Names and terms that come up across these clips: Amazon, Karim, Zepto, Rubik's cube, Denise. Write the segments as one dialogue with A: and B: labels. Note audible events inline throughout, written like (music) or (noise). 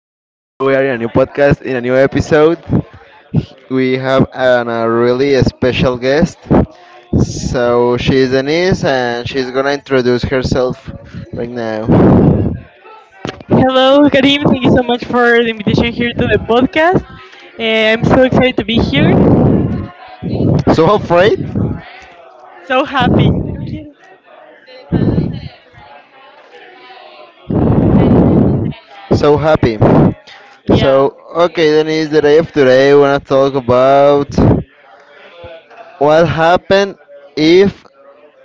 A: are in a new
B: I know.
A: podcast, in a new episode. We have a really special guest. So she's Denise, and she's gonna introduce herself right now.
B: Hello, Karim. Thank you so much for the invitation here to the podcast. I'm so excited to be here.
A: So afraid,
B: So happy. Yo quiero.
A: so happy.
B: Yeah.
A: So okay, Denise, the day of today, we wanna talk about what happened if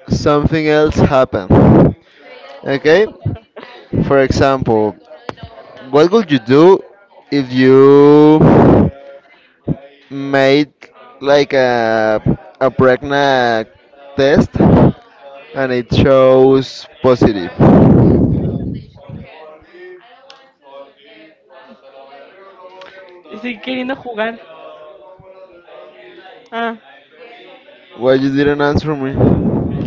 A: something else
B: Yeah.
A: happened. Okay,
B: (laughs)
A: for example, what would you do if you made like a pregnant test and it shows positive?
B: Estoy queriendo jugar. Ah.
A: Why you didn't answer me?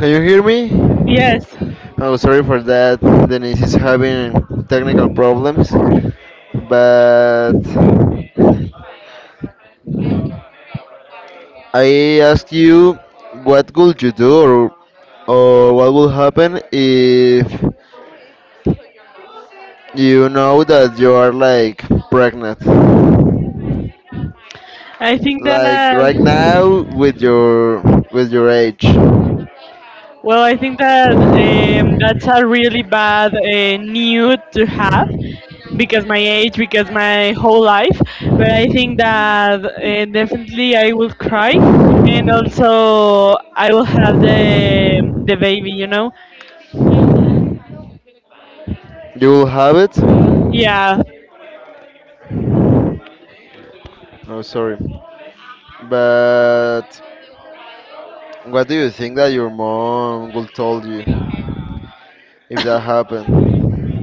A: Can you hear me?
B: Yes.
A: Oh, sorry for that. Denise is having technical problems, but I ask you, what would you do, or what will happen if you know that you are like pregnant,
B: I think
A: like right
B: that.
A: now with your age?
B: Well, I think that that's a really bad need to have because my age, because my whole life. But I think that definitely I will cry, and also I will have the baby. You know?
A: You will have it.
B: Yeah.
A: No, sorry, but what do you think that your mom will told you if that happened?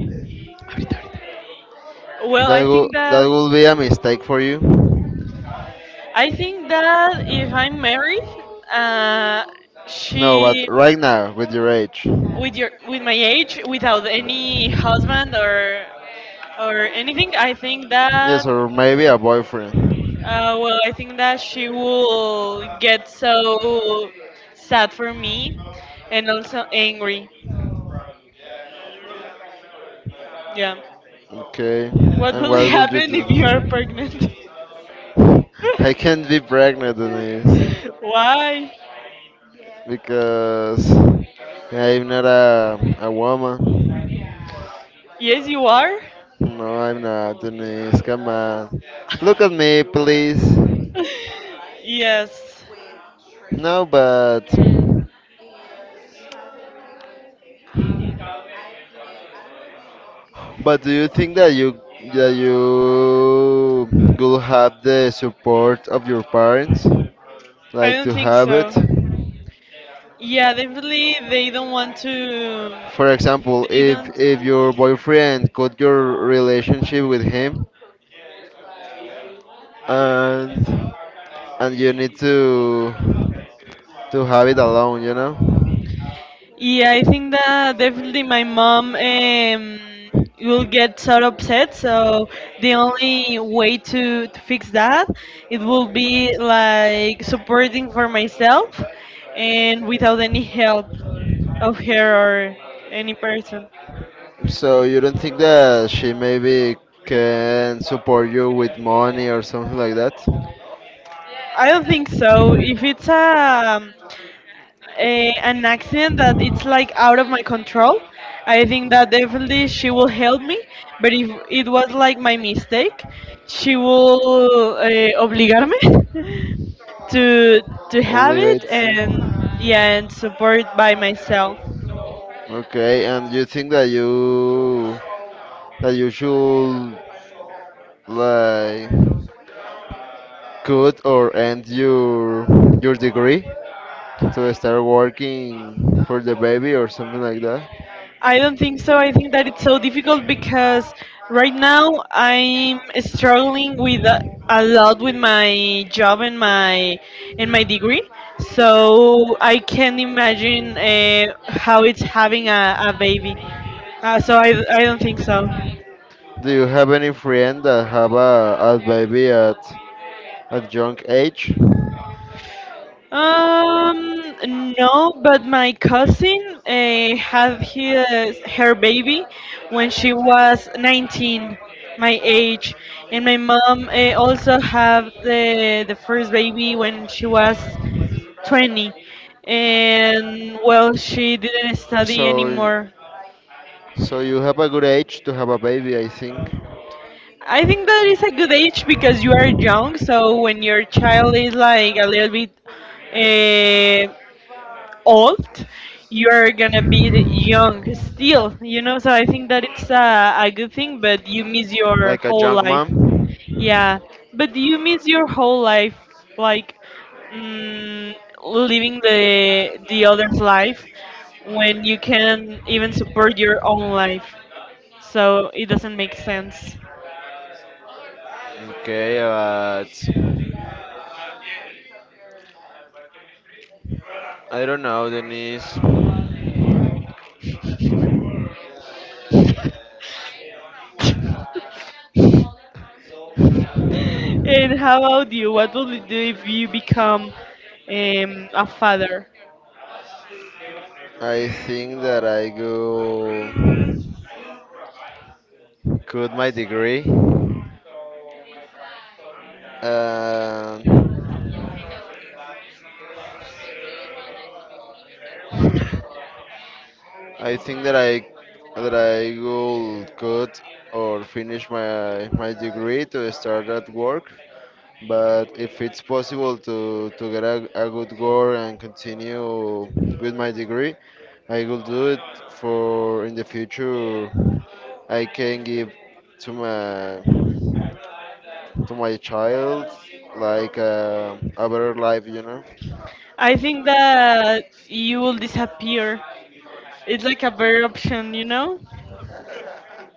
B: Well,
A: That
B: I think
A: will
B: that
A: that will be a mistake for you.
B: I think that if I'm married, uh,
A: No, but
B: she
A: right now, with your age.
B: with my age, without
A: Yeah.
B: any husband or anything. I think that
A: Yes, or maybe a boyfriend.
B: well, I think that she will get so sad for me and also angry. Yeah.
A: Okay,
B: What
A: and
B: will
A: what
B: (laughs)
A: would you
B: happen if you are
A: do?
B: pregnant?
A: I can't be pregnant, Denise,
B: (laughs) Why?
A: because I'm not a woman.
B: Yes, you are.
A: No, I'm not, Denise, come on. Look at me, please.
B: (laughs) Yes.
A: No, but do you think that you will have the support of your parents,
B: I
A: like
B: don't
A: to
B: think
A: have
B: so.
A: it?
B: Yeah, definitely they don't want to.
A: For example,
B: They
A: if
B: don't.
A: if your boyfriend cut your relationship with him, and and you need to have it alone.
B: Yeah, I think that definitely my mom will get so upset. So the only way to fix that, it will be like supporting for myself and without any help of her or any person.
A: So you don't think that she maybe can support you with money or something like that?
B: I don't think so. If it's an accident that it's like out of my control. I think that definitely she will help me, but if it was like my mistake, she will obligarme (laughs) to to have
A: Only
B: it,
A: 80.
B: and yeah, and support by myself.
A: Okay, and you think that you should like cut or end your degree to start working for the baby or something like that?
B: I don't think so. I think that it's so difficult because right now I'm struggling with a lot with my job and my degree. So I can't imagine how it's having a baby. So I don't think so.
A: Do you have any friend that have a baby at young age?
B: Um, no, but my cousin had his her baby when she was 19, my age, and my mom also had the first baby when she was 20, and well, she didn't study
A: So,
B: anymore.
A: so you have a good age to have a baby, I think.
B: I think that is a good age because you are young, so when your child is like a little bit Uh, old, you're gonna be young still, you know. So I think that it's a good thing, but you miss your
A: Like a
B: whole
A: young
B: life.
A: mom.
B: Yeah, but you miss your whole life, like mm, living the other's life when you can even support your own life. So it doesn't make sense.
A: Okay, but I don't know, Denise.
B: (laughs) And how about you? What will you do if you become a father?
A: I think that I go. Could my degree. Um, I think that I will could or finish my degree to start at work. But if it's possible to get a good work and continue with my degree, I will do it for in the future. I can give to my to my child like a better life.
B: I think that you will disappear. It's like a better option, you know?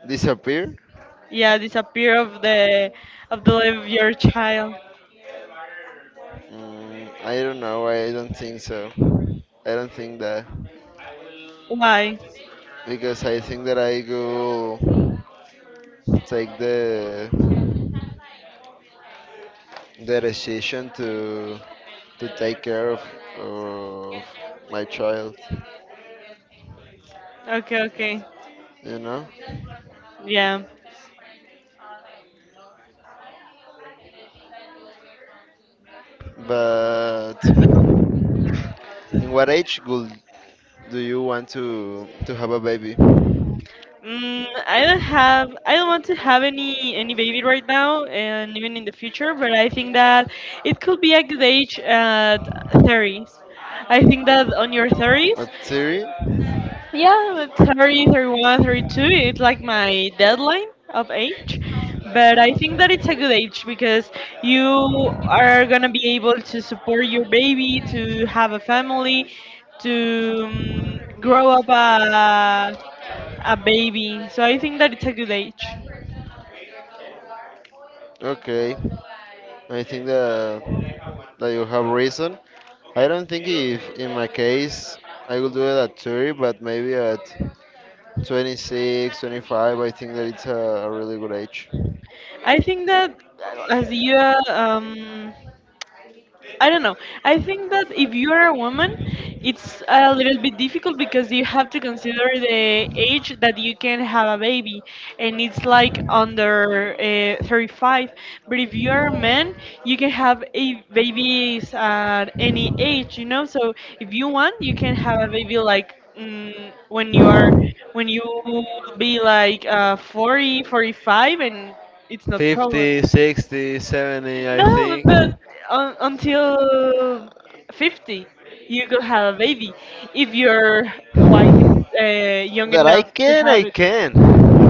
A: Disappear?
B: Yeah, disappear of the life of your child.
A: I don't know. I don't think so. I don't think that
B: Why?
A: because I think that I go take the decision to take care of my child,
B: Okay, okay.
A: you know.
B: Yeah.
A: But in what age would do you want to have a baby?
B: I don't want to have any baby right now and even in the future, but I think that it could be a good age at 30s. I think that on your 30s.
A: A theory? Hmm.
B: Yeah, 30, 31, 32. It's like my deadline of age. But I think that it's a good age because you are going to be able to support your baby, to have a family, to grow up a baby. So I think that it's a good age.
A: Okay. I think that you have reason. I don't think if in my case I will do it at 30, but maybe at 26, 25. I think that it's a really good age.
B: I think that as you I don't know. I think that if you are a woman, it's a little bit difficult because you have to consider the age that you can have a baby, and it's like under 35. But if you are a man, you can have a babies at any age. So if you want, you can have a baby like when you be like 40, 45, and it's not problem.
A: 50, 60, 70, I
B: No,
A: think.
B: but un until 50, you could have a baby if your wife is young
A: That I
B: enough to
A: can, I
B: have it.
A: can.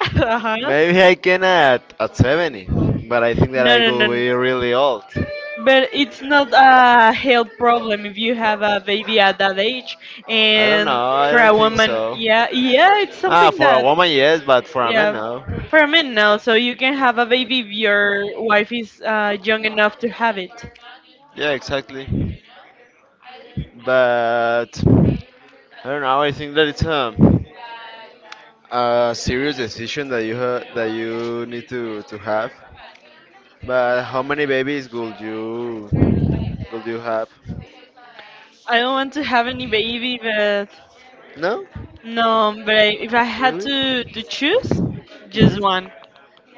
B: (laughs) Uh-huh.
A: Maybe I can at 70, but I think that
B: No,
A: I
B: no, no.
A: will be really old.
B: But it's not a health problem if you have a baby at that age.
A: I don't know,
B: And
A: I
B: for
A: don't
B: a
A: think
B: woman,
A: so.
B: yeah, yeah, it's
A: Ah,
B: something
A: for a
B: that,
A: woman, yes, but for a man,
B: yeah,
A: no.
B: for a man now. So you can have a baby if your wife is young enough to have it.
A: Yeah, exactly. But I don't know. I think that it's a serious decision that you need to have. But how many babies would you have?
B: I don't want to have any baby, but
A: No,
B: no, but if I had
A: really?
B: to choose, just one.
A: Hmm.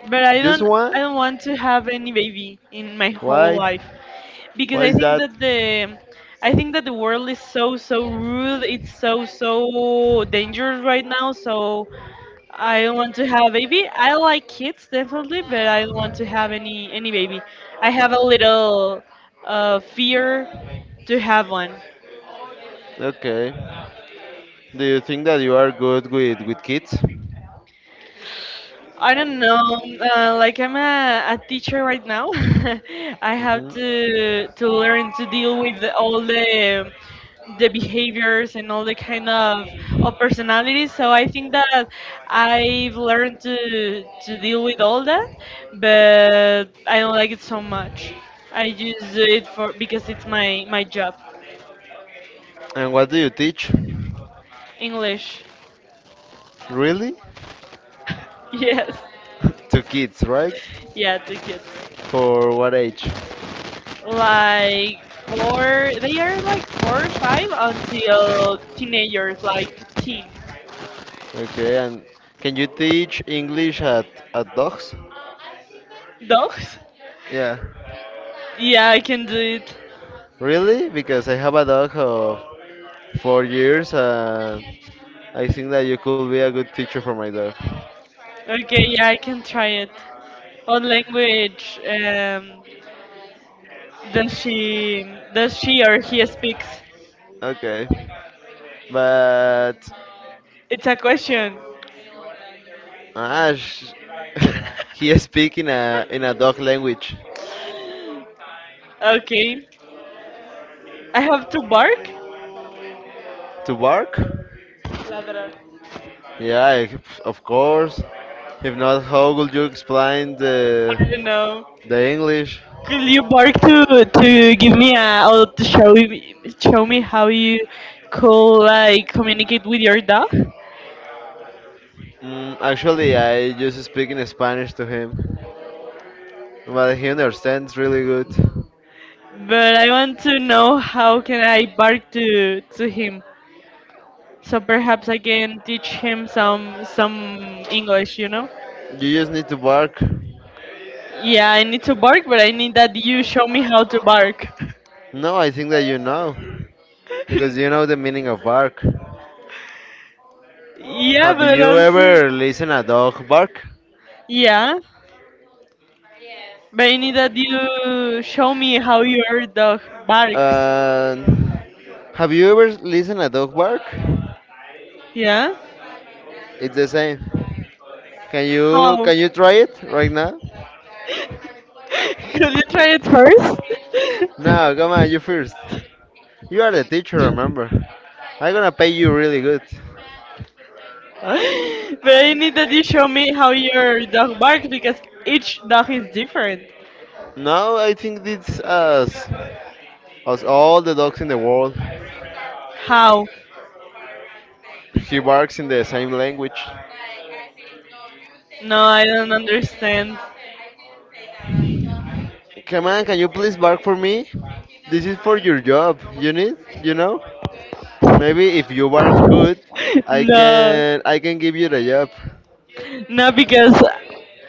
B: But
A: Just
B: I
A: one?
B: don't want to have any baby in my whole
A: Why?
B: life because
A: Why is that?
B: I think that the world is so, so rude. It's so, so dangerous right now. So I don't want to have a baby. I like kids definitely, but I don't want to have any baby. I have a little fear to have one.
A: Okay. Do you think that you are good with kids?
B: I don't know. Like I'm a teacher right now. (laughs) I have
A: hmm
B: to learn to deal with all the behaviors and all the kind of personalities. So I think that I've learned to deal with all that, but I don't like it so much. I just do it for because it's my job.
A: And what do you teach?
B: English.
A: Really?
B: (laughs) Yes.
A: To kids, right?
B: Yeah, to kids.
A: For what age?
B: Like four, they are like four or five until teenagers like teens.
A: Okay, and can you teach English at dogs?
B: Dogs.
A: Yeah.
B: Yeah, I can do it.
A: Really? Because I have a dog of 4 years and I think that you could be a good teacher for my dog.
B: Okay, yeah, I can try it. What language, does she does she or he speaks?
A: Okay. But
B: It's a question.
A: ah, sh- (laughs)
B: (laughs)
A: he speak in a dog language.
B: Okay, I have to bark.
A: To bark?
B: Ladrar.
A: Yeah, of course. If not, how would you explain the
B: I don't know.
A: English?
B: Could you bark to give me a or to show show me how you could like communicate with your dog?
A: Actually, I just speak in Spanish to him. But he understands really good.
B: But I want to know how can I bark to him. So perhaps I can teach him some English, you know?
A: You just need to bark.
B: Yeah, I need to bark, but I need that you show me how to bark.
A: No, I think that you know. Because you know
B: (laughs)
A: the meaning of bark.
B: Yeah,
A: Have
B: but
A: you
B: also.
A: ever listened a dog bark?
B: Yeah, but I need that you show me how your dog barks.
A: Uh, have you ever listened a dog bark?
B: Yeah,
A: It's the same. Can you
B: how?
A: can you try it right now?
B: (laughs) Could you try it first? (laughs) But
A: No, come on, you first. You are the teacher, remember? I'm gonna pay you really good.
B: I need that you show me how your dog barks because each dog is different.
A: No, I think it's us all the dogs in the world.
B: How?
A: He barks in the same language.
B: No, I don't understand. (laughs)
A: Come on, can you please bark for me? This is for your job. You need, you know? Maybe if you bark good, I
B: No,
A: can I can give you the job.
B: no, because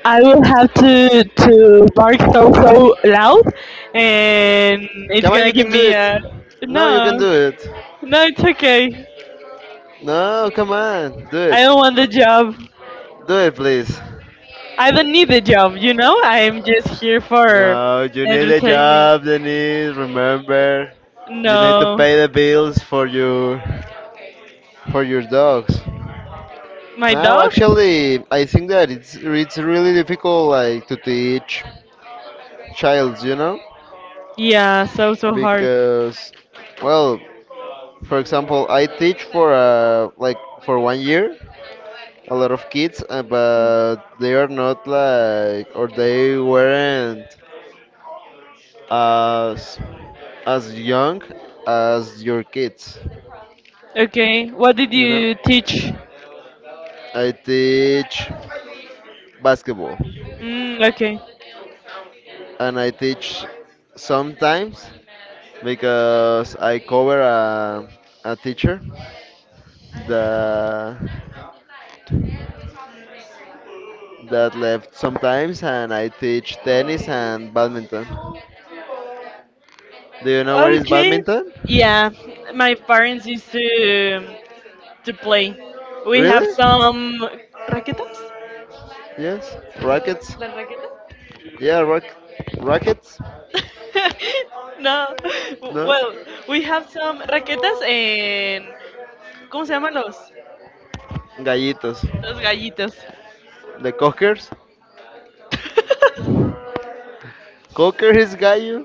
B: I will have to bark so, so loud, and it's
A: Come on,
B: gonna
A: you
B: give
A: can do
B: me
A: it.
B: a
A: No, you can
B: no,
A: do it.
B: no. It's okay.
A: No, come on, do it.
B: I don't want the job.
A: Do it, please.
B: I don't need the job, you know? I'm just here for
A: No, you need a
B: entertainment.
A: job, Denise. Remember, you need to
B: No.
A: pay the bills for your dogs.
B: My
A: Now,
B: dog?
A: actually, I think that it's really difficult, like, to teach childs,
B: Yeah, so, so hard.
A: because, well, for example, I teach for like for one year a lot of kids, but they are not like or they weren't as as young as your kids,
B: Okay. What did
A: you know.
B: you teach?
A: I teach basketball,
B: Mm, okay.
A: and I teach sometimes. Because I cover a teacher that that left sometimes, and I teach tennis and badminton. Do you know where is
B: Okay.
A: badminton?
B: Yeah, my parents used to play. We have
A: Really?
B: some raquetas.
A: Yes. Rackets?
B: Las raquetas?
A: Yeah, rackets.
B: (laughs) No.
A: No.
B: Well, we have some raquetas and ¿cómo se llaman los?
A: Gallitos.
B: Los gallitos.
A: The cockers.
B: (laughs)
A: Cocker is gallo.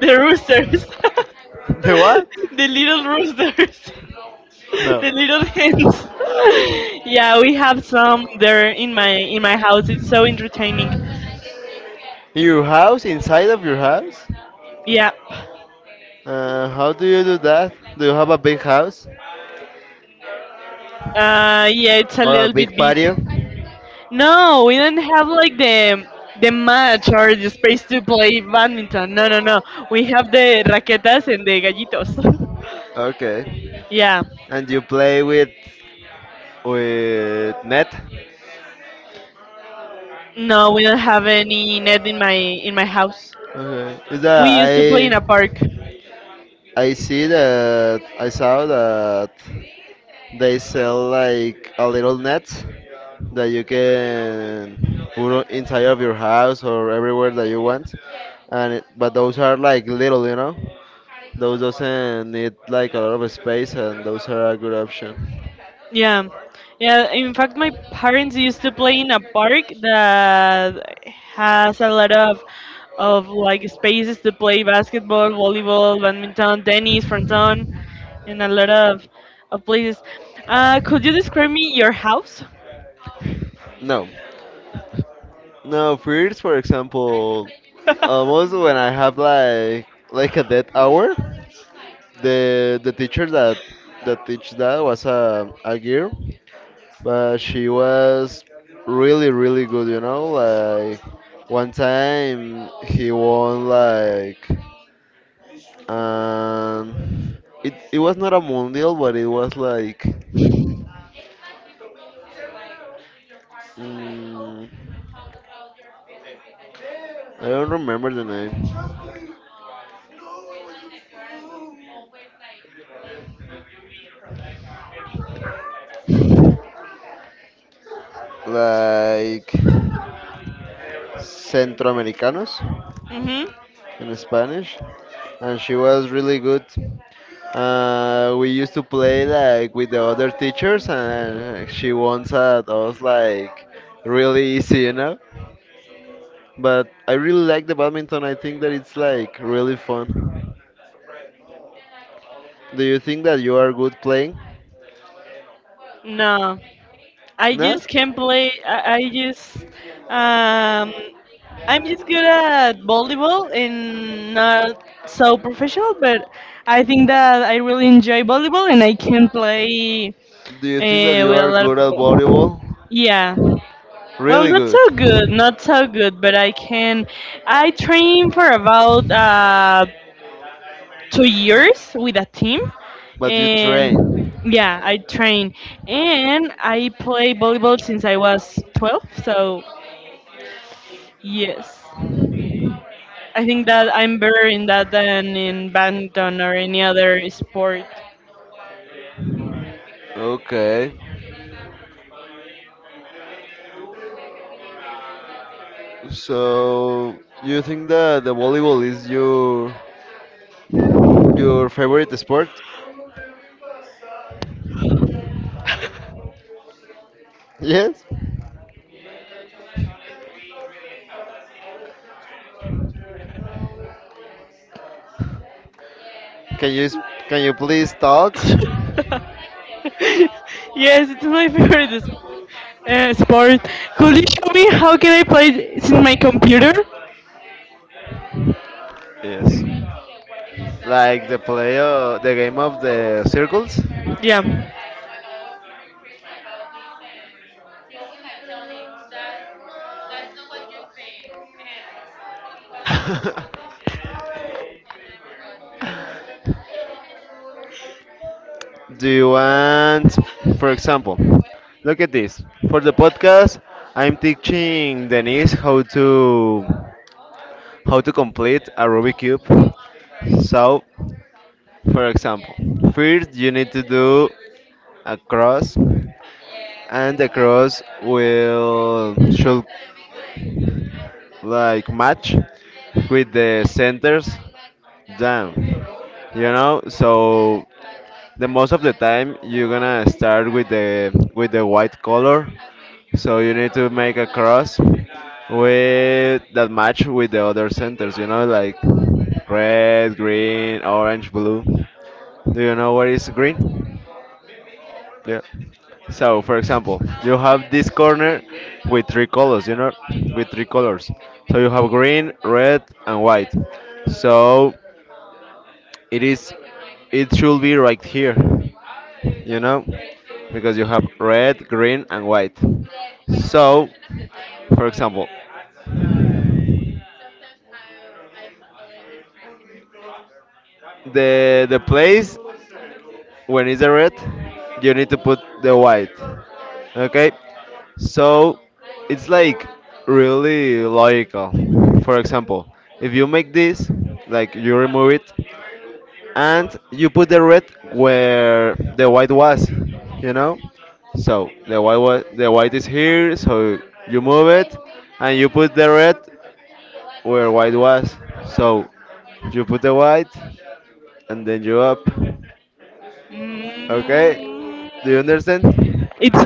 B: The roosters. (laughs)
A: (laughs) The what?
B: The little roosters. (laughs)
A: No.
B: The little hens. (laughs) Yeah, we have some there in my house. It's so entertaining.
A: Your house inside of your house?
B: Yeah.
A: How do you do that? Do you have a big house
B: Yeah, it's a
A: or a
B: little bit
A: big
B: big.
A: patio?
B: No, we didn't have like the match or the space to play badminton. No, no, no. We have the raquetas and the gallitos.
A: Okay.
B: (laughs) Yeah.
A: And you play with net?
B: No, we don't have any net in my house.
A: Okay. Is
B: We
A: that
B: used to play in a park.
A: I? I see that I saw that they sell like a little net that you can put on inside of your house or everywhere that you want. And it, but those are like little. Those doesn't need like a lot of space, and those are a good option.
B: Yeah, yeah. In fact, my parents used to play in a park that has a lot of like spaces to play basketball, volleyball, badminton, tennis, fronton, and a lot of places. Could you describe me your house?
A: No, no. First, for example,
B: (laughs)
A: almost when I have like a dead hour, the teacher that teach that was a girl, but she was really really good. Like one time he won like um it was not a mundial but it was like mm, I don't remember the name, like centroamericanos
B: Hmm.
A: in Spanish, and she was really good. We used to play like with the other teachers, and she wants at us like really easy. But I really like the badminton. I think that it's like really fun. Do you think that you are good playing?
B: No. I
A: Not?
B: just can play. I just um, I'm just good at volleyball and not so professional, but I think that I really enjoy volleyball and I can play
A: Do you think that you
B: with a
A: are
B: lot of
A: good at
B: people.
A: volleyball?
B: Yeah. Well,
A: Really
B: not
A: good.
B: so good, not so good, but I can. I train for about 2 years with a team,
A: But you train.
B: and yeah, I train and I play volleyball since I was 12. So yes, I think that I'm better in that than in badminton or any other sport.
A: Okay. So you think that the volleyball is your favorite sport? Yes. Can you s- can you please talk?
B: (laughs) Yes, it's my (laughs) favorite sport. Could you show me how can I play it in my computer?
A: Yes. Like the play of the game of the circles. (laughs)
B: Yeah. (laughs)
A: Do you want, for example, look at this. For the podcast, I'm teaching Denise how to complete a Rubik's cube. So for example, first you need to do a cross, and the cross will should like match with the centers down. You know, so the most of the time you're gonna start with the white color, so you need to make a cross with that match with the other centers. You know, like red, green, orange, blue. Do you know what is green? Yeah. So, for example, you have this corner with three colors, with three colors. So you have green, red, and white. So it is, it should be right here, you know, because you have red, green, and white. So, for example, the place when it's the red, you need to put the white. Okay? So it's like really logical. For example, if you make this, like you remove it and you put the red where the white was, you know? So the white is here, so you move it and you put the red where white was. So you put the white and then you up. Okay? Do you understand?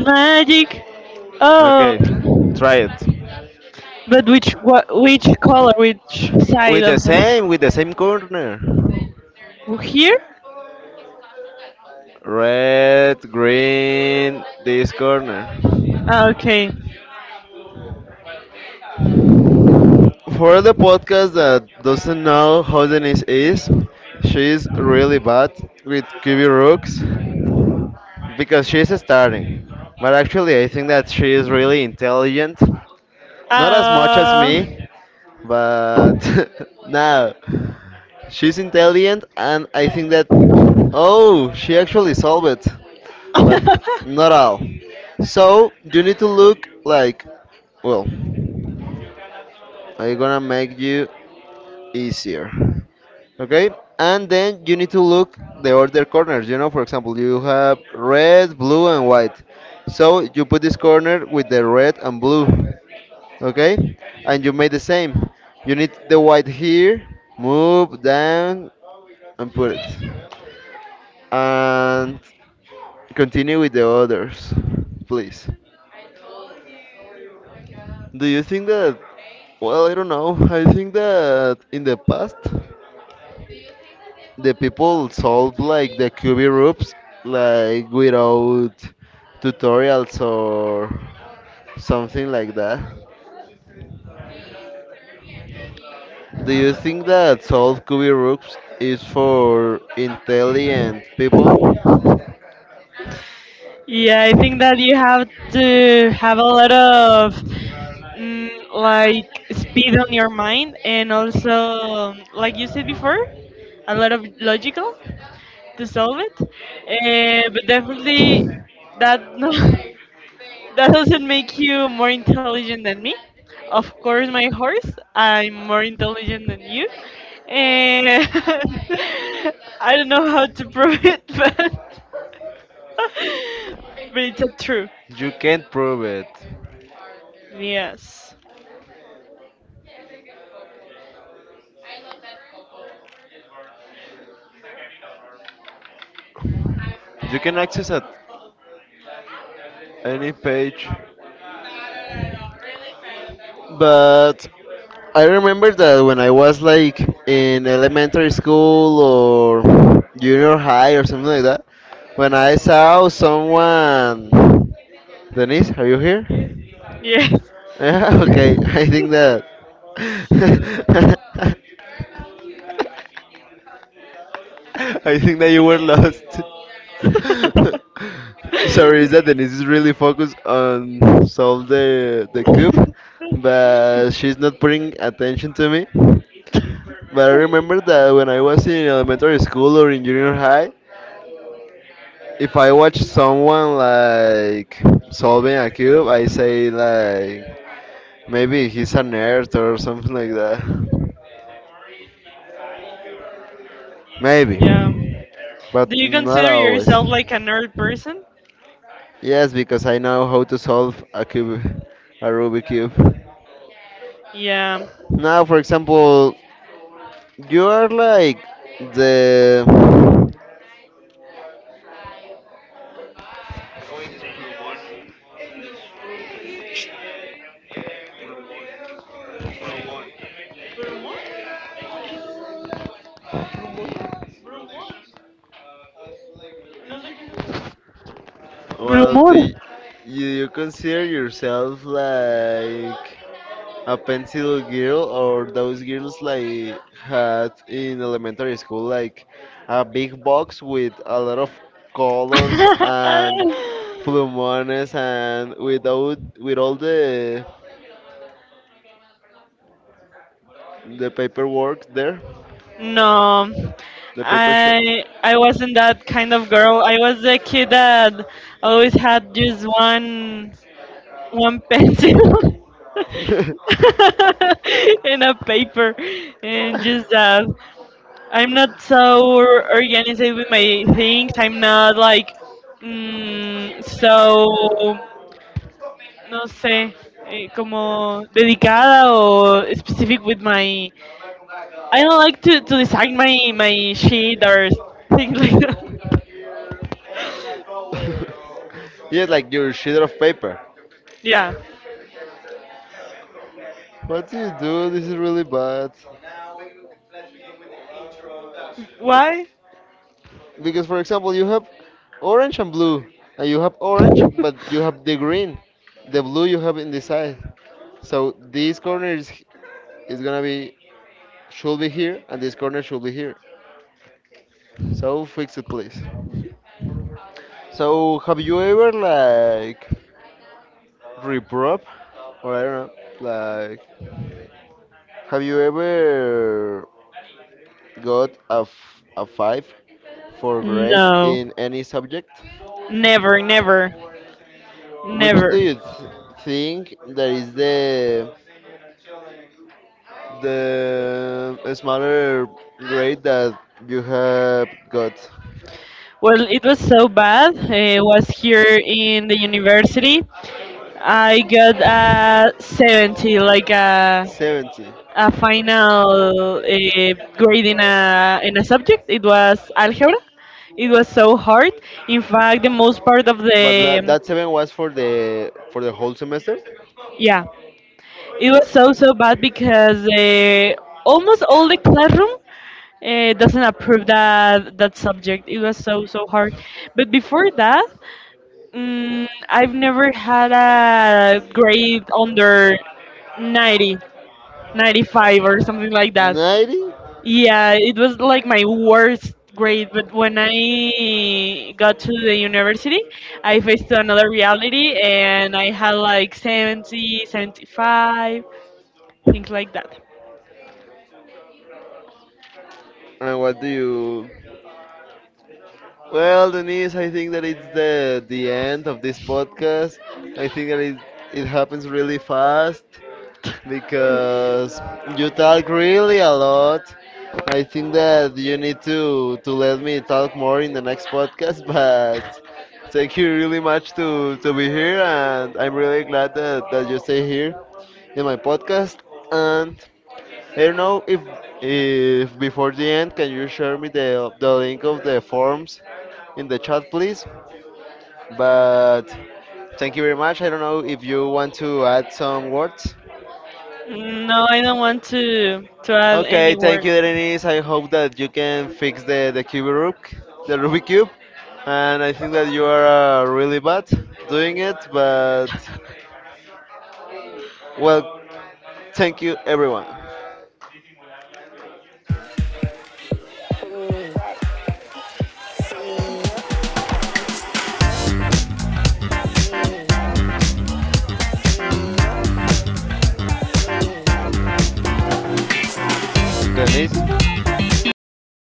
B: It's magic. Oh,
A: Okay, try it.
B: but which color, which side
A: With the
B: of the,
A: same, with the same corner.
B: here?
A: Red, green, this corner.
B: Ah, okay.
A: For the podcast that doesn't know how Denise is, she's really bad with QB rooks because she's starting. But actually, I think that she is really intelligent. Not as much as
B: Uh,
A: me, but (laughs) now she's intelligent, and I think that oh, she actually solved it. But not
B: (laughs)
A: all. So you need to look like, well, I'm gonna make you easier, okay? And then you need to look the other corners. You know, for example, you have red, blue, and white. So you put this corner with the red and blue, okay? And you made the same. You need the white here. Move down and put it. And continue with the others, please. Do you think that, well, I don't know. I think that in the past, the people solved like the QB loops like without tutorials or something like that. Do you think that solve QB loops is for intelligent people?
B: yeah, I think that you have to have a lot of like speed on your mind, and also like you said before, a lot of logical to solve it but definitely that (laughs) no, that doesn't make you more intelligent than me. Of course, my horse, I'm more intelligent than you. And (laughs) I don't know how to (laughs) prove it, but (laughs) but it's a true.
A: You can't prove it.
B: Yes.
A: You can access at any page. But I remember that when I was like in elementary school or junior high or something like that, when I saw someone. Denise, are you here?
B: Yes.
A: Yeah, (laughs) okay, I think that. (laughs) I think that you were lost. (laughs)
B: (laughs)
A: Sorry, is that Denise is really focused on solve the coup, but she's not putting attention to me. But I remember that when I was in elementary school or in junior high, if I watch someone like solving a cube, I say like maybe he's a nerd or something like that. Maybe,
B: Yeah. Do
A: but
B: you
A: not
B: consider
A: always.
B: yourself like a nerd person?
A: Yes, because I know how to solve a cube, a Rubik cube.
B: Yeah.
A: Now, for example, you are like the well,
B: Rumor.
A: you consider yourself like a pencil girl or those girls like had in elementary school like a big box with a lot of colors
B: (laughs)
A: and plumones and without with all the paperwork there?
B: No.
A: The paper shop.
B: I wasn't that kind of girl. I was a kid that always had just one pencil (laughs)
A: (laughs)
B: and a paper and just that. I'm not so organized with my things. I'm not like so no sé como dedicada or specific with my. I don't like to design my sheet or things like that. (laughs)
A: Yeah, like your sheet of paper.
B: Yeah.
A: What do you do? This is really bad.
B: Why?
A: Because, for example, you have orange and blue. And you have orange, but you have the green. The blue you have in the side. So this corner is gonna be should be here, and this corner should be here. So fix it, please. So have you ever like reprop, or I don't know, like have you ever got a five for grade
B: No,
A: in any subject?
B: never, never,
A: Which do
B: never.
A: you think that is the smaller grade that you have got?
B: Well, it was so bad. I was here in the university, I got a 70, like a,
A: 70.
B: a final grade in in a subject. It was algebra. It was so hard. In fact, the most part of
A: But that
B: the,
A: that 7 was for the whole semester?
B: yeah, it was so, so bad because almost all the classroom doesn't approve that subject. It was so, so hard. But before that, I've never had a grade under 90. 95 or something like that.
A: 90?
B: Yeah, it was like my worst grade, but when I got to the university, I faced another reality and I had like 70, 75, things like that.
A: And what do you? Well, Denise, I think that it's the end of this podcast. I think that it happens really fast. Because you talk really a lot. I think that you need to let me talk more in the next podcast, (laughs) but thank you really much to be here and I'm really glad that you stay here in my podcast and I don't know if before the end can you share me the link of the forms in the chat please? But thank you very much. I don't know if you want to add some words.
B: No, I don't want to add any
A: Okay, thank
B: word.
A: you, Denise. I hope that you can fix the cube Rubik, the Rubik cube, and I think that you are really bad doing it. But well, thank you, everyone. Denise, are you there?